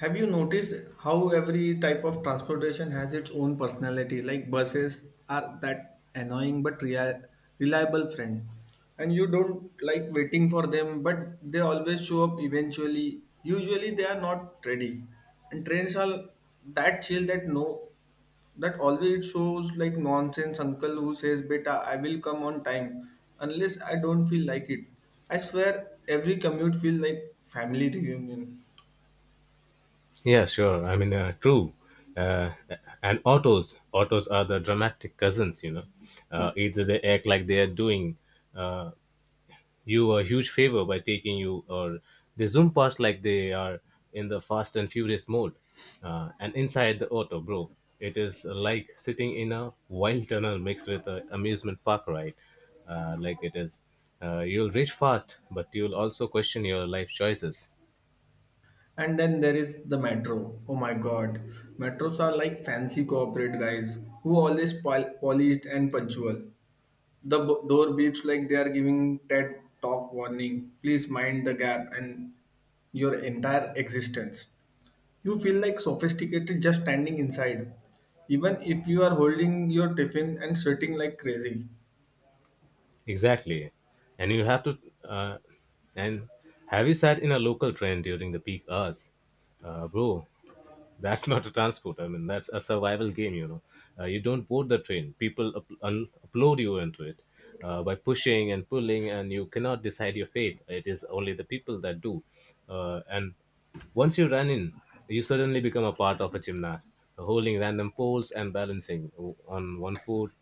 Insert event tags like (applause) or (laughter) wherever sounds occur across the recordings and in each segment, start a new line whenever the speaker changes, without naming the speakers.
Have you noticed how every type of transportation has its own personality? Like buses are that annoying but reliable friend, and you don't like waiting for them, but they always show up eventually. Usually they are not ready, and trains are that chill that no, that always shows like nonsense uncle who says, "Beta, I will come on time," unless I don't feel like it. I swear, every commute feels like family reunion.
Yeah, sure. I mean, true. Uh, and autos are the dramatic cousins. You know, either they act like they are doing uh, you a huge favor by taking you, or they zoom past like they are in the fast and furious mode. And inside the auto, bro, it is like sitting in a wild tunnel mixed with a amusement park ride. Uh, like it is, you'll reach fast, but you'll also question your life choices.
And then there is the metro. Oh my god. Metros are like fancy corporate guys who always polished and punctual. The door beeps like they are giving TED talk warning. Please mind the gap and your entire existence. You feel like sophisticated just standing inside, even if you are holding your tiffin and sweating like crazy.
Exactly. And you have to, uh, and Have you sat in a local train during the peak hours? Bro, that's (laughs) not a transport. I mean, that's a survival game, you know. You don't board the train, people upload you into it by pushing and pulling, and you cannot decide your fate. It is only the people that do. And Once you run in, you suddenly become a part of a gymnast, holding random poles and balancing on one foot.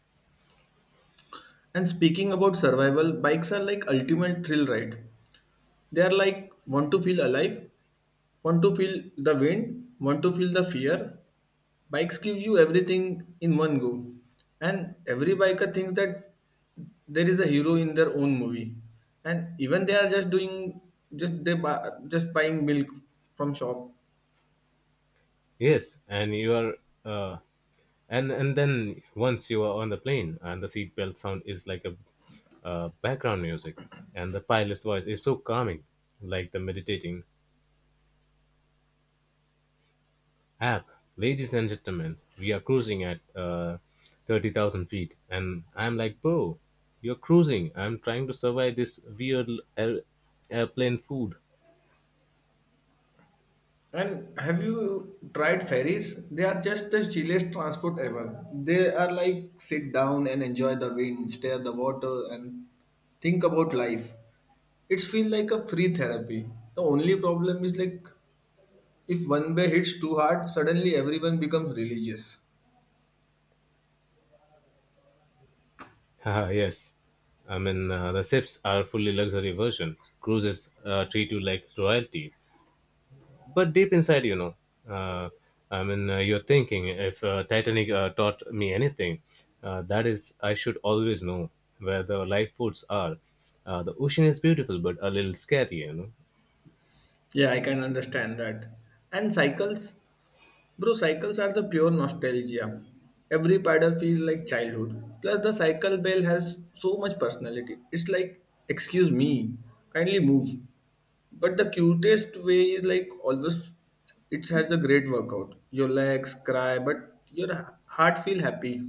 And speaking about survival, bikes are like ultimate thrill ride. They are like want to feel alive? Want to feel the wind? Want to feel the fear? Bikes gives you everything in one go. And every biker thinks that there is a hero in their own movie. And even they are just doing just they buy, just buying milk from shop.
Yes, and you are, uh, and then once you are on the plane, and the seatbelt sound is like a background music, and the pilot's voice is so calming, like the meditating app. Ladies and gentlemen, we are cruising at 30,000 feet, and I'm like, bro, you're cruising. I'm trying to survive this weird air- airplane food.
And have you tried ferries? They are just the chillest transport ever. They are like sit down and enjoy the wind, stare at the water, and think about life. It's feel like a free therapy. The only problem is like if one bay hits too hard, suddenly everyone becomes religious.
(laughs) Haha, yes. I mean, the sips are fully luxury version. Cruises treat you like royalty, but deep inside you know, uh, you're thinking, if titanic taught me anything, that is I should always know where the lifeboats are. The ocean is beautiful but a little scary, you know.
Yeah, I can understand that. And cycles? Bro, cycles are the pure nostalgia. Every paddle feels like childhood. Plus, the cycle bell has so much personality. It's like, excuse me, kindly move. But the cutest way is like always, it has a great workout. Your legs cry, but your heart feel happy.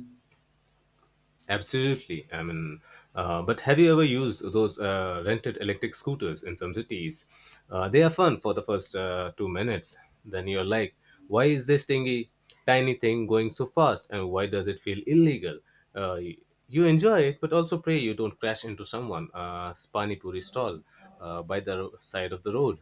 Absolutely. I mean, but have you ever used those rented electric scooters in some cities? They are fun for the first 2 minutes. Then you're like, why is this thingy, tiny thing going so fast, and why does it feel illegal? Uh, y- you enjoy it, but also pray you don't crash into someone, pani puri stall uh, by the side of the road.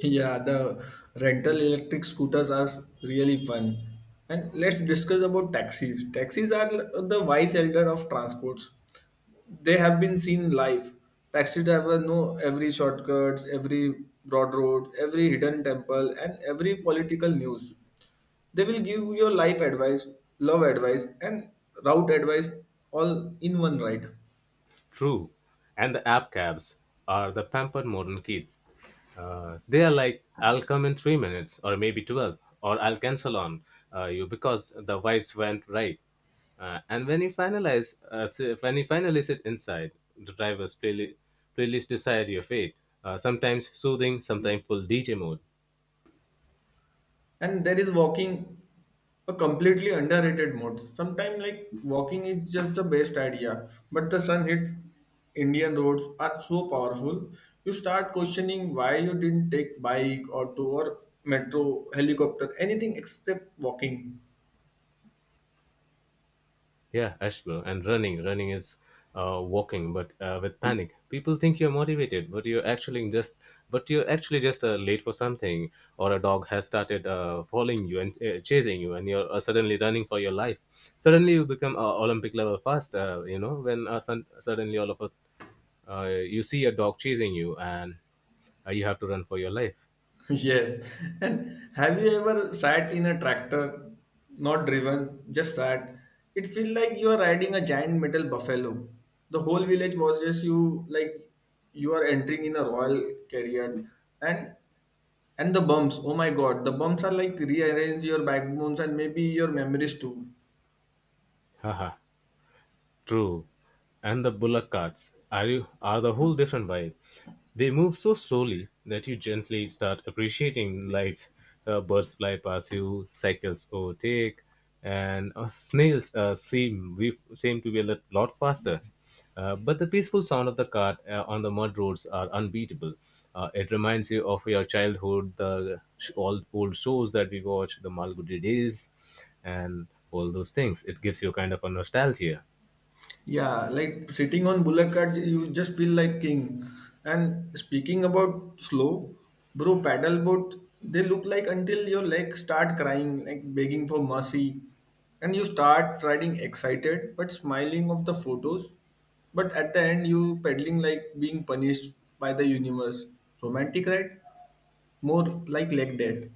Yeah, the rental electric scooters are really fun. And let's discuss about taxis. Taxis are the wise elder of transports. They have been seen live. Taxi drivers know every shortcuts, every broad road, every hidden temple, and every political news. They will give your life advice, love advice, and route advice all in one ride.
True. And the app cabs are the pampered modern kids. They are like, I'll come in 3 minutes or maybe 12, or I'll cancel on you because the vibes went right. And when you finally sit inside, the driver's playlist decide your fate. Sometimes soothing, sometimes full DJ mode.
And there is walking, a completely underrated mode. Sometimes, like walking is just the best idea, but the sun hits Indian roads are so powerful. You start questioning why you didn't take bike, auto, or metro, helicopter, anything except walking.
Yeah, Ashbo, and running. Running is walking, but with panic. People think you're motivated, but but you're actually just late for something, or a dog has started following you and chasing you, and you're suddenly running for your life. Suddenly, you become Olympic level fast. You know, when suddenly all of us, you see a dog chasing you, and you have to run for your life.
(laughs) Yes. And have you ever sat in a tractor, not driven, just sat? It feel like you are riding a giant metal buffalo. The whole village watches you like you are entering in a royal carrier. and And the bumps, oh my god, the bumps are like rearrange your backbones and maybe your memories too.
Haha. True. And the bullock carts are the whole different vibe. They move so slowly that you gently start appreciating life. Birds fly past you, cycles overtake, and snails seem to be a lot faster. But the peaceful sound of the cart on the mud roads are unbeatable. It reminds you of your childhood, the old shows that we watch, the Malgudi days, and all those things. It gives you kind of a nostalgia.
Yeah, like sitting on bullock cart, you just feel like king. And speaking about slow, bro, paddle boat, they look like until your legs start crying, like begging for mercy. And you start riding excited, but smiling of the photos. But at the end, you pedaling like being punished by the universe. Romantic, right? More like leg day.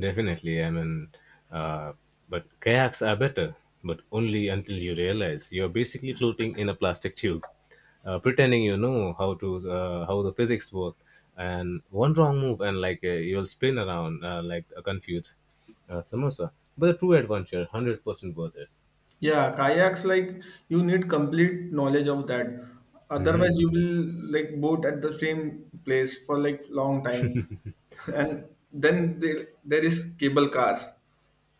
Definitely. I mean, uh, but kayaks are better, but only until you realize you're basically floating in a plastic tube, pretending you know how the physics work, and one wrong move and you'll spin around like a confused samosa. But a true adventure, 100% worth it.
Yeah, kayaks like you need complete knowledge of that. Otherwise, you will like boat at the same place for like long time. (laughs) And then there is cable cars,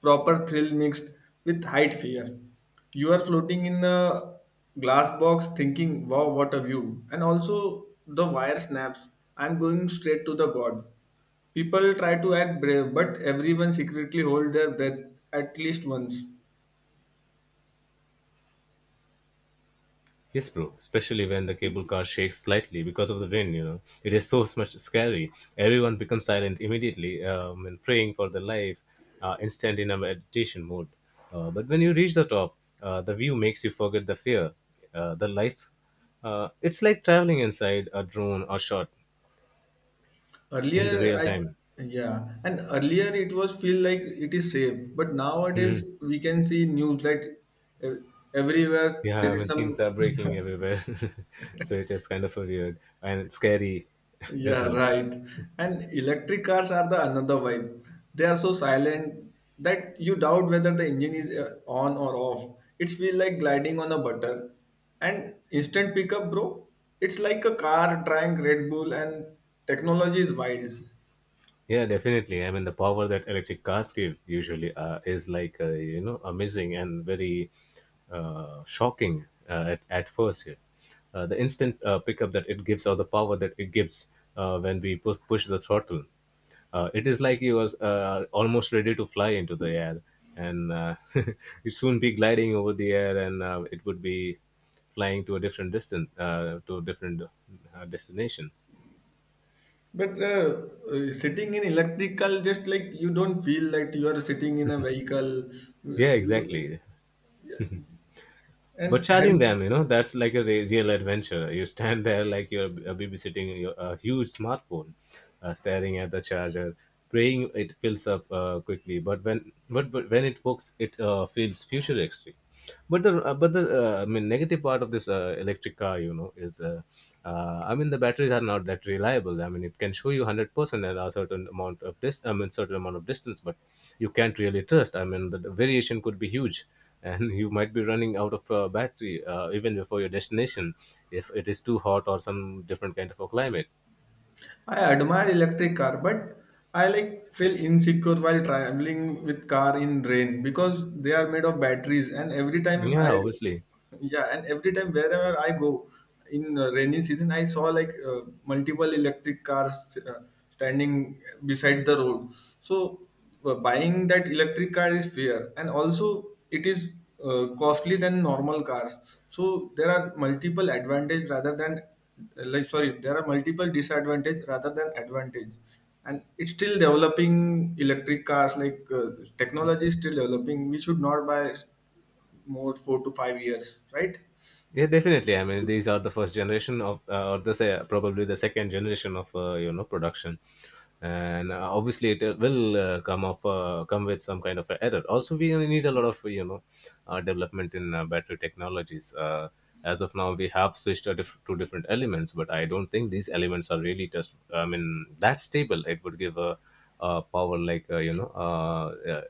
proper thrill mixed with height fear. You are floating in a glass box thinking, wow, what a view. And also the wire snaps. I'm going straight to the god. People try to act brave, but everyone secretly hold their breath at least once.
Yes, bro. Especially when the cable car shakes slightly because of the wind, you know, it is so much scary. Everyone becomes silent immediately and praying for their life, instant in a meditation mode. But when you reach the top, the view makes you forget the fear, the life. It's like traveling inside a drone or shot in the
Earlier,
real
I
time.
yeah, and earlier it was feel like it is safe, but nowadays we can see news that ev- everywhere there
Yeah,
is
when things
some.
are breaking everywhere, (laughs) so it is kind of a weird and scary
(laughs)
(laughs) as
Yeah,
well.
right, and electric cars are the another vibe. They are so silent that you doubt whether the engine is on or off. It's feel like gliding on a butter, and instant pickup, bro. It's like a car trying Red Bull, and technology is wild.
Yeah, definitely. I mean, the power that electric cars give usually is like you know amazing and very shocking uh, at first. Yeah. The instant pickup that it gives, or the power that it gives when we push the throttle, it is like you are almost ready to fly into the air, and (laughs) you soon be gliding over the air, and it would be flying to a different distance, to a different destination.
But Sitting in electrical, just like you don't feel that you are sitting in a vehicle.
Yeah, exactly. But
And have
charging them, you know, that's like a real adventure. You stand there like you're babysitting a huge smartphone, staring at the charger, praying it fills up quickly, but when it works, it feels futuristic. But the negative part of this electric car, you know, is the batteries are not that reliable. I mean, it can show you 100% at a certain amount of this I mean certain amount of distance, but you can't really trust. I mean, the variation could be huge, and (laughs) you might be running out of battery even before your destination if it is too hot or some different kind of a climate.
I admire electric car, but I like feel insecure while traveling with car in rain because they are made of batteries. And every time I,
Yeah, obviously.
yeah, and every time wherever I go in rainy season, I saw like multiple electric cars standing beside the road. So buying that electric car is fair and also it is costly than normal cars, so there are multiple advantage rather than like sorry there are multiple disadvantage rather than advantage, and it's still developing electric cars like technology is still developing we should not buy more 4 to 5 years, right?
Yeah, definitely. I mean, these are the first generation of, or the probably the second generation of you know production, and obviously it will come of come with some kind of a error. Also, we need a lot of, you know, development in battery technologies. As of now, we have switched to, to different elements, but I don't think these elements are really just. I mean, that stable. It would give a power like you know. Yeah,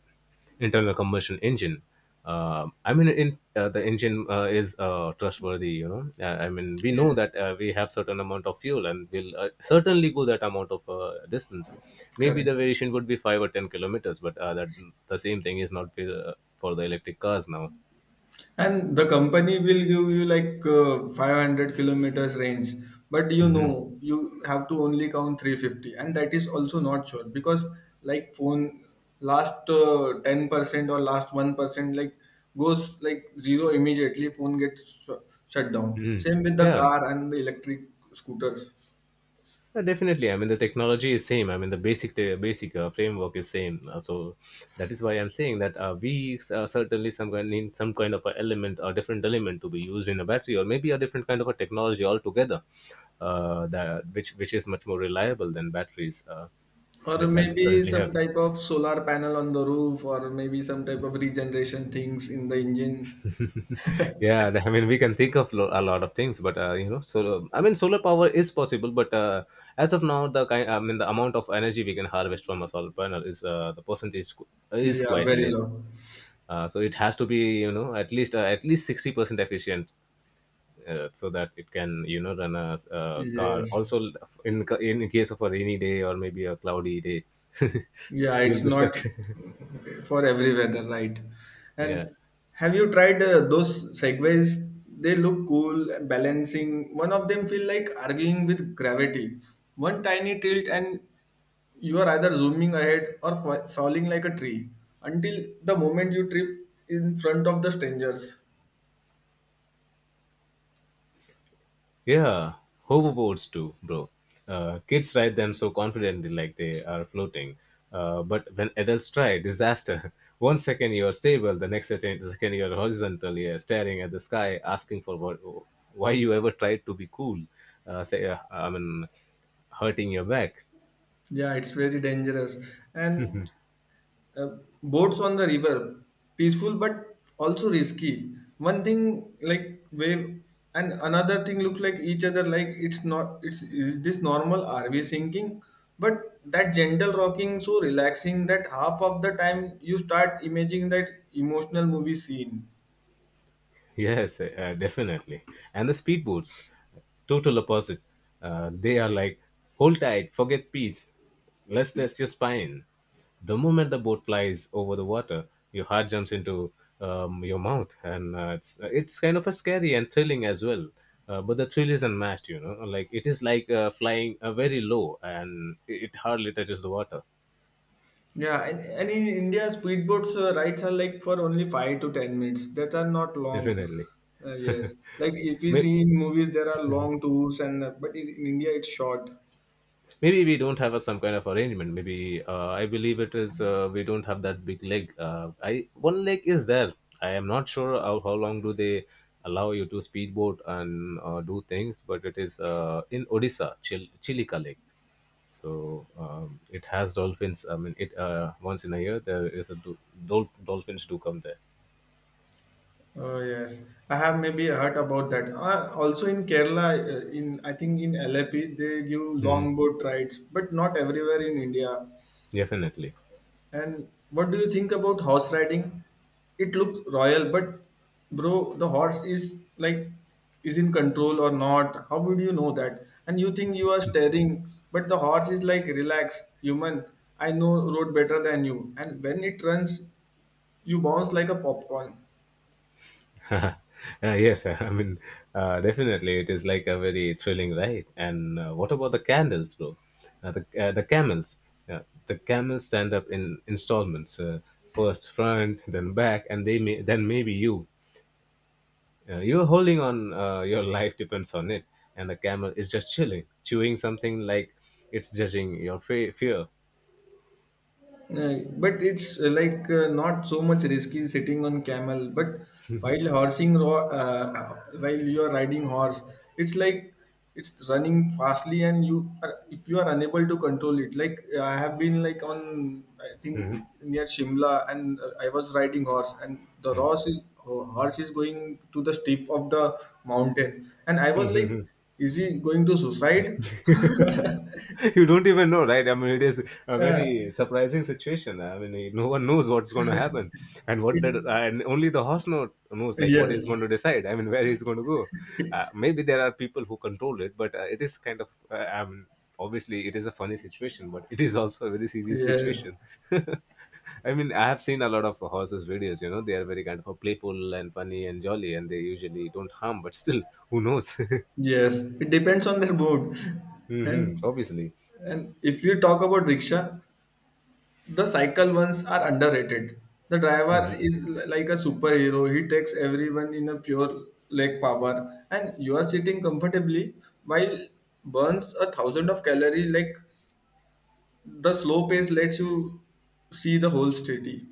internal combustion engine. I mean, the engine is trustworthy. You know, I mean, we know
Yes,
that we have certain amount of fuel, and we'll certainly go that amount of distance. Maybe
correct.
the variation would be 5 or 10 kilometers, but that the same thing is not for, for the electric cars now.
And the company will give you like 500 kilometers range, but you
Hmm.
know you have to only count 350, and that is also not sure because like phone last 10% or last 1% like goes like zero immediately phone gets shut down
Hmm.
same with the
Yeah.
car and the electric scooters,
Definitely. I mean, the technology is same. I mean, the basic framework is same. So that is why I'm saying that we certainly some kind need some kind of a element or different element to be used in a battery, or maybe a different kind of a technology altogether, that which is much more reliable than batteries
or
with that we
maybe
currently
some
have.
type of solar panel on the roof or maybe some type of regeneration things in the engine.
(laughs) Yeah, I mean, we can think of a lot of things, but you know, so I mean solar power is possible, but as of now, the kind I mean the amount of energy we can harvest from a solar panel is is
Yeah,
quite
very
less.
low.
So it has to be, you know, at least 60% efficient, so that it can, you know, run a car
Yes.
also in case of a rainy day or maybe a cloudy day. (laughs)
Yeah,
You'll
it's
be stuck.
not for every weather, right?
(laughs) Yeah.
And have you tried those segways? They look cool, balancing. One of them feel like arguing with gravity. One tiny tilt and you are either zooming ahead or falling like a tree until the moment you trip in front of the strangers.
Yeah, hoverboards too, bro. Kids ride them so confidently, like they are floating. But when adults try, disaster. (laughs) One second you are stable, the next second you are horizontal, you are staring at the sky, asking for what, why you ever tried to be cool. I mean, hurting your back.
Yeah, it's very dangerous. And boats on the river peaceful but also risky, one thing like wave and another thing look like each other like it's not it's is this normal rv sinking but that gentle rocking so relaxing that half of the time you start imagining that emotional movie scene.
Yes, definitely. And the speedboats, total opposite. They are like, hold tight, forget peace, let's test your spine. The moment the boat flies over the water, your heart jumps into your mouth, and it's kind of a scary and thrilling as well. But the thrill is unmatched, you know. Like it is like flying very low, and it hardly touches the water.
Yeah, and in india speedboats rides are like for only 5 to 10 minutes that are not long.
Definitely.
Yes, like if you
May-
see in movies there are long tours and but in india it's short.
Maybe we don't have some kind of arrangement. Maybe I believe it is we don't have that big leg. I one leg is there. I am not sure how long do they allow you to speedboat and do things, but it is in Odisha, Chilika Lake. So it has dolphins. I mean, it once in a year there is a dolphins do come there.
Oh yes, I have maybe heard about that. Also in Kerala, in I think in LAP they give
Hmm.
longboat rides, but not everywhere in India.
Definitely.
And what do you think about horse riding? It looks royal, but bro, the horse is like is in control or not? How would you know that? And you think you are staring, but the horse is like relax, human. I know road better than you. And when it runs, you bounce like a popcorn.
(laughs) Yes, I mean, definitely, it is like a very thrilling ride. And what about the candles, bro? Uh, the uh, the camels, uh, the camels stand up in installments. First front, (laughs) then back, and they may then maybe you. You're holding on. Your (laughs) life depends on it, and the camel is just chilling, chewing something like it's judging your fear.
But it's like not so much risky sitting on camel but while while you are riding horse it's like it's running fastly and you are, if you are unable to control it like I have been like on I think near shimla and I was riding horse and the horse is going to the steep of the mountain and I was like
(laughs)
is he going to suicide. (laughs)
(laughs) You don't even know, right? I mean, it is a
Uh,
very surprising situation. I mean, no one knows what's going to happen, and only the horse knows like what
yes,
is going to decide. I mean, where he's going to go. Maybe there are people who control it, but it is kind of. I mean, obviously, it is a funny situation, but it is also a very serious
yes.
situation. (laughs) I mean, I have seen a lot of horses' videos. You know, they are very kind of playful and funny and jolly, and they usually don't harm. But still, who knows? (laughs)
Yes, it depends on their mood. (laughs) And
Obviously.
and if you talk about rickshaw, the cycle ones are underrated. The driver
Mhm.
is like a superhero. He takes everyone in a pure leg power, and you are sitting comfortably while burns a thousand of calorie. Like the slow pace lets you see the whole city.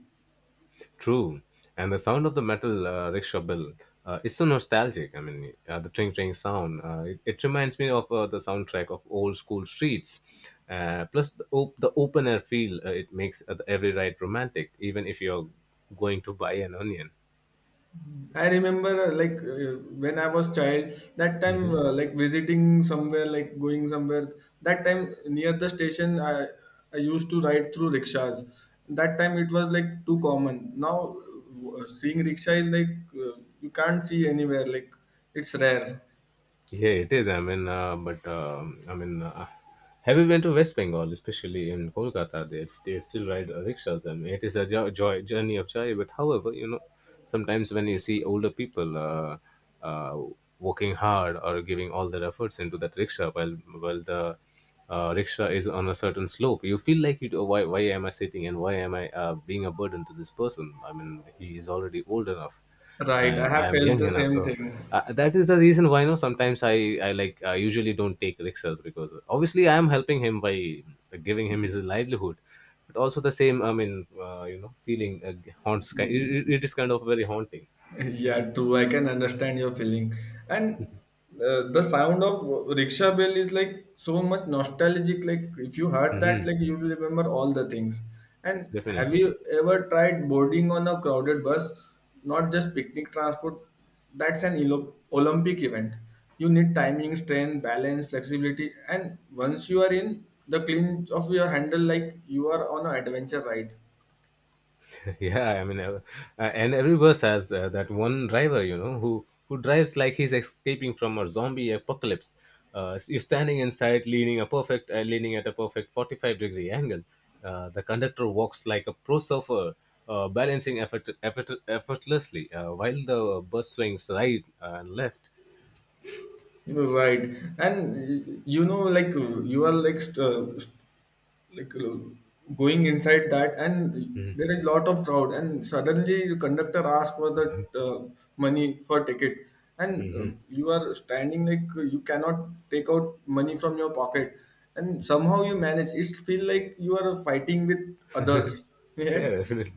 True, and the sound of the metal rickshaw bell. It's so nostalgic. I mean, the tring tring sound. It reminds me of the soundtrack of old school streets. Plus, the open air feel it makes every ride romantic, even if you're going to buy an onion.
I remember, like, when I was child, that time,
Hmm.
like, visiting somewhere, like, going somewhere. That time near the station, I used to ride through rickshaws. That time it was like too common. Now, seeing rickshaw is like you can't see anywhere. Like, it's rare.
Yeah, it is. I mean, but I mean, have you been to West Bengal, especially in Kolkata? They still ride rickshaws, and it is a joy journey of joy. But however, you know, sometimes when you see older people uh, working hard or giving all their efforts into that rickshaw, while the rickshaw is on a certain slope, you feel like Why am I sitting and why am I being a burden to this person? I mean, he is already old enough,
Right, I
and I
have
am
felt
young
the
enough.
same
So
thing.
that is the reason why, you know, sometimes I usually don't take rickshaws because obviously I am helping him by giving him his livelihood. But also the same, I mean, feeling haunts, it is kind of very haunting.
(laughs) Yeah, true. I can understand your feeling. And the sound of rickshaw bell is like so much nostalgic. Like if you heard
Hmm.
that, like you will remember all the things. And have
Definitely.
you ever tried boarding on a crowded bus? Not just picnic transport. That's an Olympic event. You need timing, strength, balance, flexibility, and once you are in, the clinch of your handle like you are on an adventure ride.
Yeah, I mean, and every verse has that one driver, you know, who drives like he's escaping from a zombie apocalypse. You're standing inside, leaning at a perfect 45-degree angle. The conductor walks like a pro surfer, balancing effortlessly while the bus swings right and left.
Right, and you know, like you are like st- st- like going inside that, and there is a lot of crowd, and suddenly the conductor asks for the money for ticket, and
Mhm.
you are standing like you cannot take out money from your pocket, and somehow you manage. It feel like you are fighting with others, (laughs)
Yeah,
yeah,
definitely.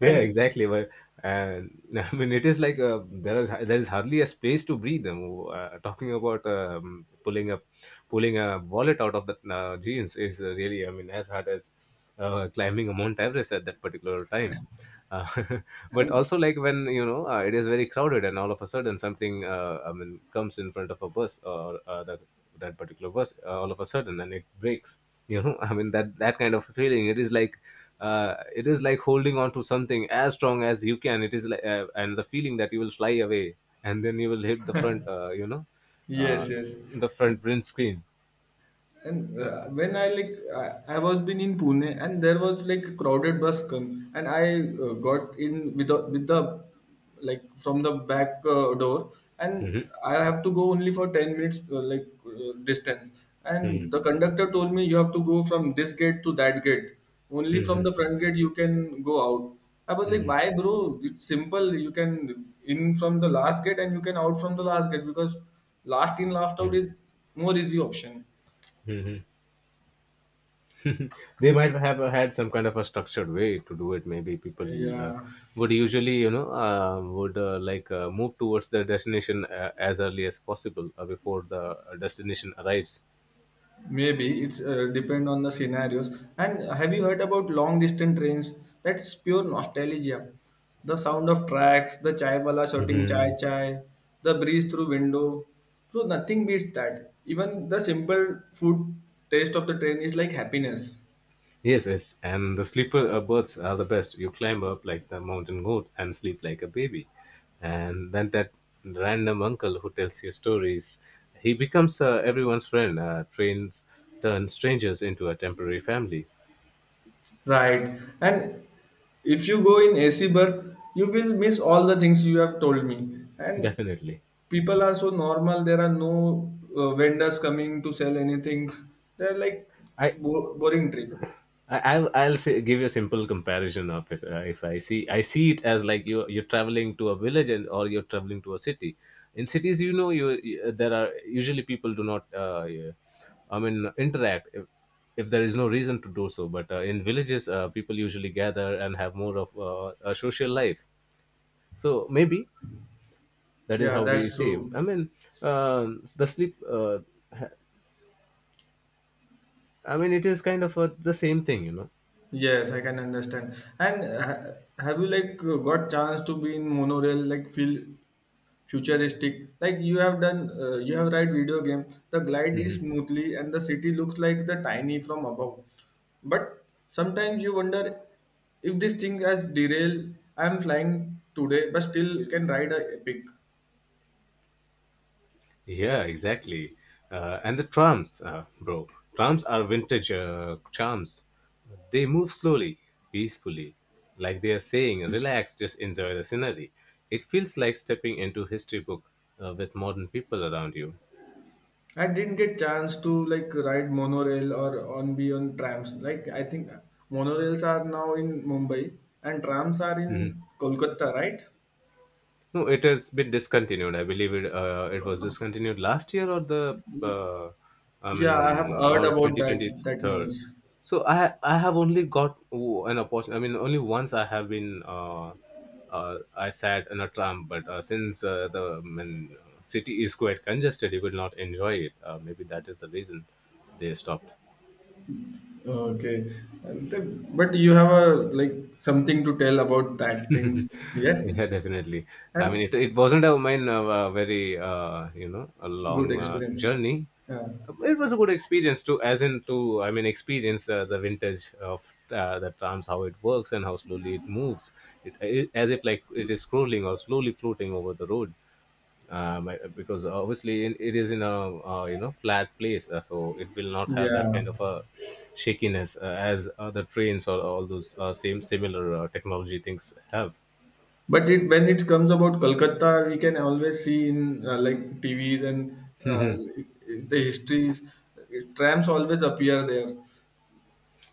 Yeah,
and
exactly. But uh, (laughs) I mean, it is like there is hardly a space to breathe. Talking about pulling a wallet out of the jeans is really, I mean, as hard as climbing a Mount Everest at that particular time uh, (laughs) but
and
also like when you know it is very crowded, and all of a sudden something I mean comes in front of a bus or that particular bus all of a sudden and it breaks, you know. (laughs) I mean that kind of feeling, it is like holding on to something as strong as you can. It is like and the feeling that you will fly away, and then you will hit the front you know uh,
yes, yes.
the front windscreen.
And when I was been in Pune and there was like a crowded bus come and I got in with the like from the back door, and
Screen.
I have to go only for 10 minutes like distance,
Hmm. Hmm.
and the conductor told me you have to go from this gate to that gate. Only from
Hmm.
the front gate you can go out. I was like,
Hmm.
why bro, it's simple, you can in from the last gate and you can out from the last gate, because last in last out
Hmm.
is more easy option.
Hmm. They might have had some kind of a structured way to do it. Maybe people uh,
Yeah,
would usually, you know, would like move towards their destination as early as possible before the destination arrives.
maybe it's depend on the scenarios. And have you heard about long distance trains? That's pure nostalgia. The sound of tracks, the chai wala shouting chai
Hmm.
chai, the breeze through window. So nothing beats that. Even the simple food taste of the train is like happiness.
Yes, yes, and the sleeper birds are the best. You climb up like the mountain goat and sleep like a baby, and then that random uncle who tells you stories, he becomes everyone's friend. Trains turns strangers into a temporary family.
Right. And if you go in AC berth, you will miss all the things you have told me. And
Definitely.
people are so normal, there are no vendors coming to sell anything, they're like
I
boring trip.
I'll say, give you a simple comparison of it. If I see it as like you're traveling to a village, and or you're traveling to a city. In cities, you know, there are usually people do not, yeah, I mean, interact if there is no reason to do so. But in villages, people usually gather and have more of a social life. So maybe that is
Yeah,
how we
that's
say.
true.
I mean, the sleep. Ha- I mean, it is kind of the same thing, you know.
Yes, I can understand. And have you like got chance to be in monorail, like feel futuristic, like you have done you have ride video game? The glide is smoothly and the city looks like the tiny from above, but sometimes you wonder if this thing has derail. I am flying today but still can ride a epic.
Yeah, exactly. And the trams, bro. Trams are vintage charms. They move slowly, peacefully, like they are saying, relax, just enjoy the scenery. It feels like stepping into history book with modern people around you.
I didn't get chance to like ride monorail or on be on trams. Like I think monorails are now in Mumbai and trams are
Mm-hmm.
in Kolkata, right?
No, it has been discontinued, I believe it. It was discontinued last year or I
Yeah, I have
mean,
heard
or
about
twenty twenty
that
third.
news.
So I have only got an opportunity. I mean, only once I have been. I sat in a tram, but since the I mean, city is quite congested, you will not enjoy it. Maybe that is the reason they stopped.
Okay, and then, but you have a like something to tell about that
(laughs)
things, yes,
Yeah, definitely. I mean
and
it wasn't a mine a very a long
good experience.
journey.
Yeah,
It was a good experience to, as in, to I mean experience the vintage of the trams, how it works and how slowly it moves. It as if like it is scrolling or slowly floating over the road. Because obviously it is in a you know flat place, so it will not have that
yeah.
kind of a shakiness as other trains or all those same similar technology things have.
But it, when it comes about Kolkata, we can always see in like TVs and uh, the histories, trams always appear there.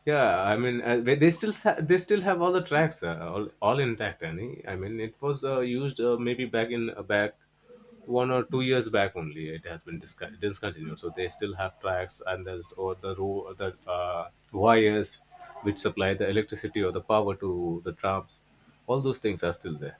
Yeah, I mean, they still have all the tracks all intact, Annie. I mean it was used maybe back in back 1 or 2 years back only it has been discontinued, so they still have tracks, and there's or the row the wires which supply the electricity or the power to the trams. All those things are still there.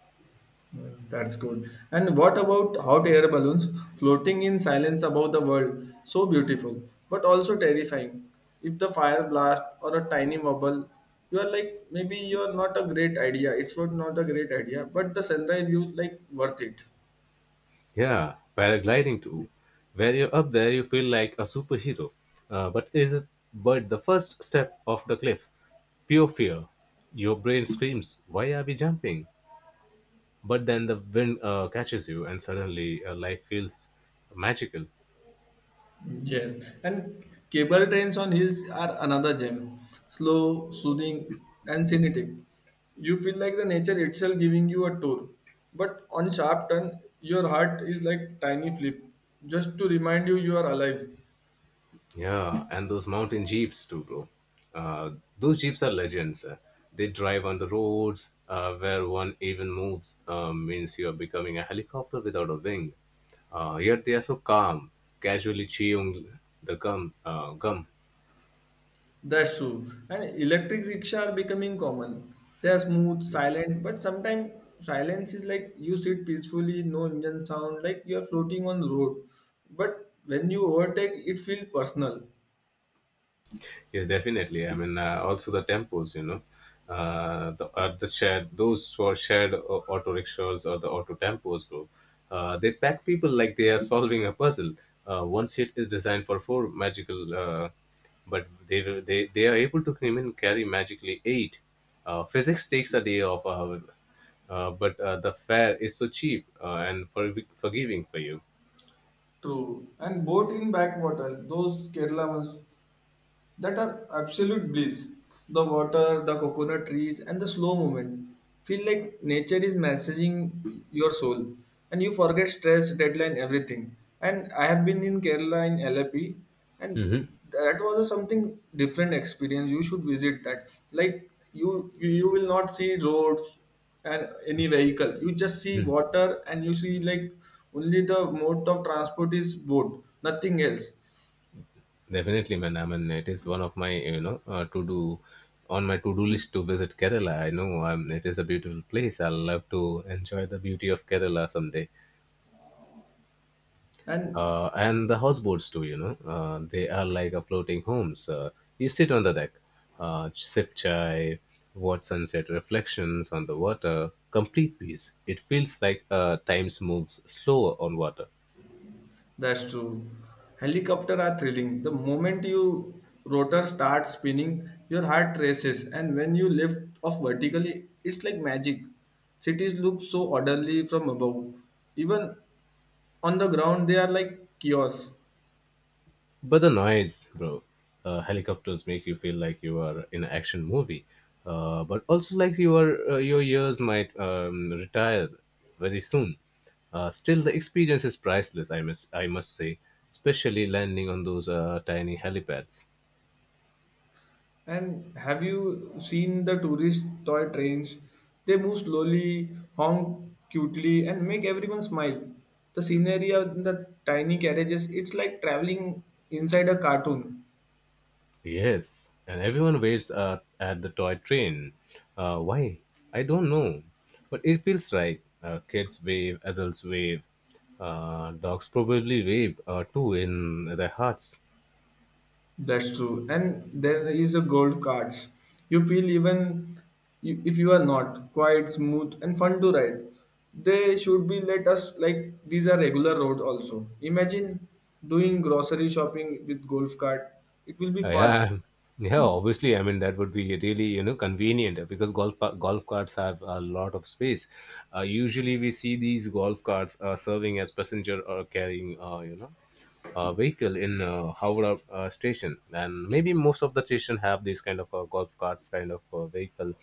That's good. And what about hot air balloons floating in silence above the world? So beautiful, but also terrifying. If the fire blast or a tiny bubble, you are like maybe you are not a great idea. It's not not a great idea, but the sunrise view like worth it.
Yeah, paragliding too, where you're up there you feel like a superhero. But is it but the first step of the cliff, pure fear. Your brain screams why are we jumping, but then the wind catches you, and suddenly life feels magical.
Yes, and cable trains on hills are another gem. Slow, soothing, and scenic. You feel like the nature itself giving you a tour. But on sharp turn, your heart is like tiny flip, just to remind you you are alive.
Yeah, and those mountain jeeps too, bro. Uh, those jeeps are legends. They drive on the roads where one even moves means you are becoming a helicopter without a wing. Yet they are so calm, casually chewing the gum.
That's true. And electric rickshaw are becoming common. They are smooth, silent, but sometimes silence is like you sit peacefully, no engine sound, like you are floating on the road. But when you overtake, it feels personal.
Yes, definitely. I mean, also the tempos, you know, the shared, those who are shared auto rickshaws or the auto tempos group, they pack people like they are solving a puzzle. One seat is designed for four magical, but they are able to even carry magically eight. Physics takes a day off, however, but the fare is so cheap and forgiving for you.
True. And boat in backwaters, those Kerala ones, that are absolute bliss. The water, the coconut trees, and the slow movement feel like nature is messaging your soul, and you forget stress, deadline, everything. And I have been in Kerala in LAP, and
hmm
that was a something different experience. You should visit that. Like you will not see roads and any vehicle. You just see water, and you see like only the mode of transport is boat, nothing else.
Definitely, man. I mean, it is one of my, you know, to do on my to do list to visit Kerala. I know, it is a beautiful place. I'll love to enjoy the beauty of Kerala someday.
And
And the houseboats too. You know, they are like a floating homes. You sit on the deck, sip chai, watch sunset reflections on the water. Complete peace. It feels like times moves slower on water.
that's true. Helicopter are thrilling. The moment you rotor starts spinning, your heart races, and when you lift off vertically, it's like magic. Cities look so orderly from above. Even on the ground, they are like kiosks.
But the noise, bro. Helicopters make you feel like you are in an action movie, but also like your ears might retire very soon. Still, the experience is priceless. I must say, especially landing on those tiny helipads.
And have you seen the tourist toy trains? They move slowly, honk cutely, and make everyone smile. The scenery of the tiny carriages, it's like traveling inside a cartoon.
Yes, and everyone waits at the toy train. Why? I don't know, but it feels right. Kids wave, adults wave, dogs probably wave too in their hearts.
That's true. And there is a gold cards. You feel even if you are not quite smooth and fun to ride. They should be let us like these are regular road also. Imagine doing grocery shopping with golf cart. It will be fun.
Yeah, yeah. Obviously, I mean that would be really, you know, convenient because golf carts have a lot of space. Usually, we see these golf carts serving as passenger or carrying, you know, a vehicle in Howrah station, and maybe most of the station have these kind of golf carts kind of vehicle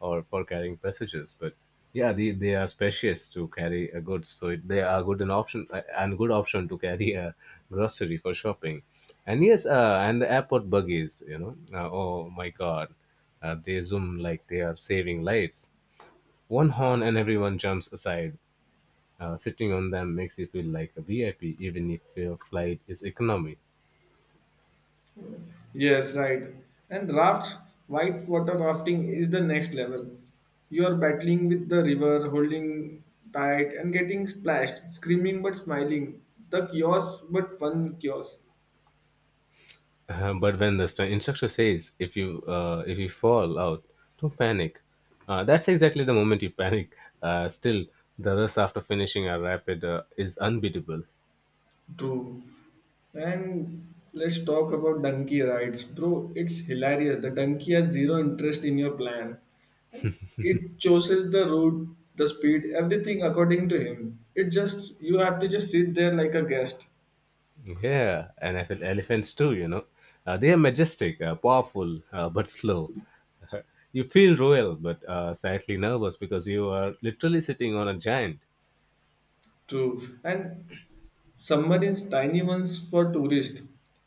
or for carrying passengers, but. Yeah, they are spacious to carry goods, so they are good an option and good option to carry a grocery for shopping. And yes, and the airport buggies, you know, oh my God, they zoom like they are saving lives. One horn and everyone jumps aside. Sitting on them makes you feel like a VIP, even if your flight is economy.
Yes, right. And rafts, white water rafting is the next level. You are battling with the river, holding tight and getting splashed, screaming but smiling. The chaos but fun chaos.
But when the instructor says, "If you fall out, don't panic," that's exactly the moment you panic. Still, the rush after finishing a rapid is unbeatable.
True. And let's talk about donkey rides. Bro, it's hilarious. The donkey has zero interest in your plan. It chooses the route, the speed, everything according to him. It just you have to just sit there like a guest.
Yeah, and I feel elephants too, you know. They are majestic, powerful, but slow. (laughs) You feel royal, but slightly nervous because you are literally sitting on a giant.
True. And submarines, tiny ones for tourists.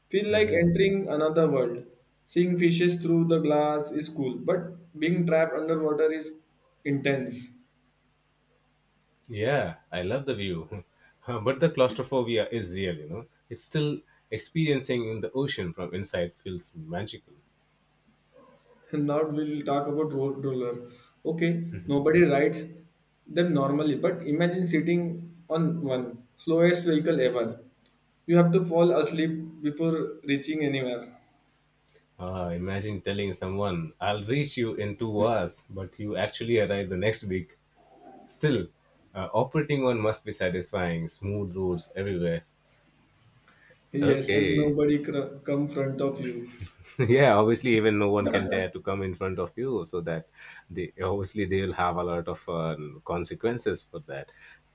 Feel like entering another world. Seeing fishes through the glass is cool, but being trapped underwater is intense.
Yeah, I love the view. (laughs) But the claustrophobia is real, you know. It's still experiencing in the ocean from inside feels magical.
And now we'll talk about road roller. Okay, nobody rides them normally, but imagine sitting on one slowest vehicle ever. You have to fall asleep before reaching anywhere.
Imagine telling someone, I'll reach you in 2 hours, but you actually arrive the next week. Still, operating one must be satisfying, smooth roads everywhere.
Yes, and
Okay.
nobody come front of you.
(laughs) Yeah, obviously, even no one can dare to come in front of you, so that they obviously they will have a lot of consequences for that.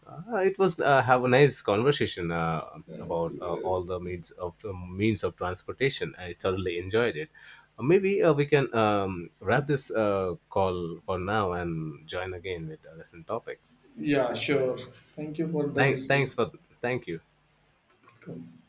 It was have a nice conversation about all the means of transportation. I thoroughly enjoyed it. Maybe we can wrap this call for now and join again with a different topic.
Yeah, sure. Thank you for the
Thank,
this.
thanks for Thank you.
Come.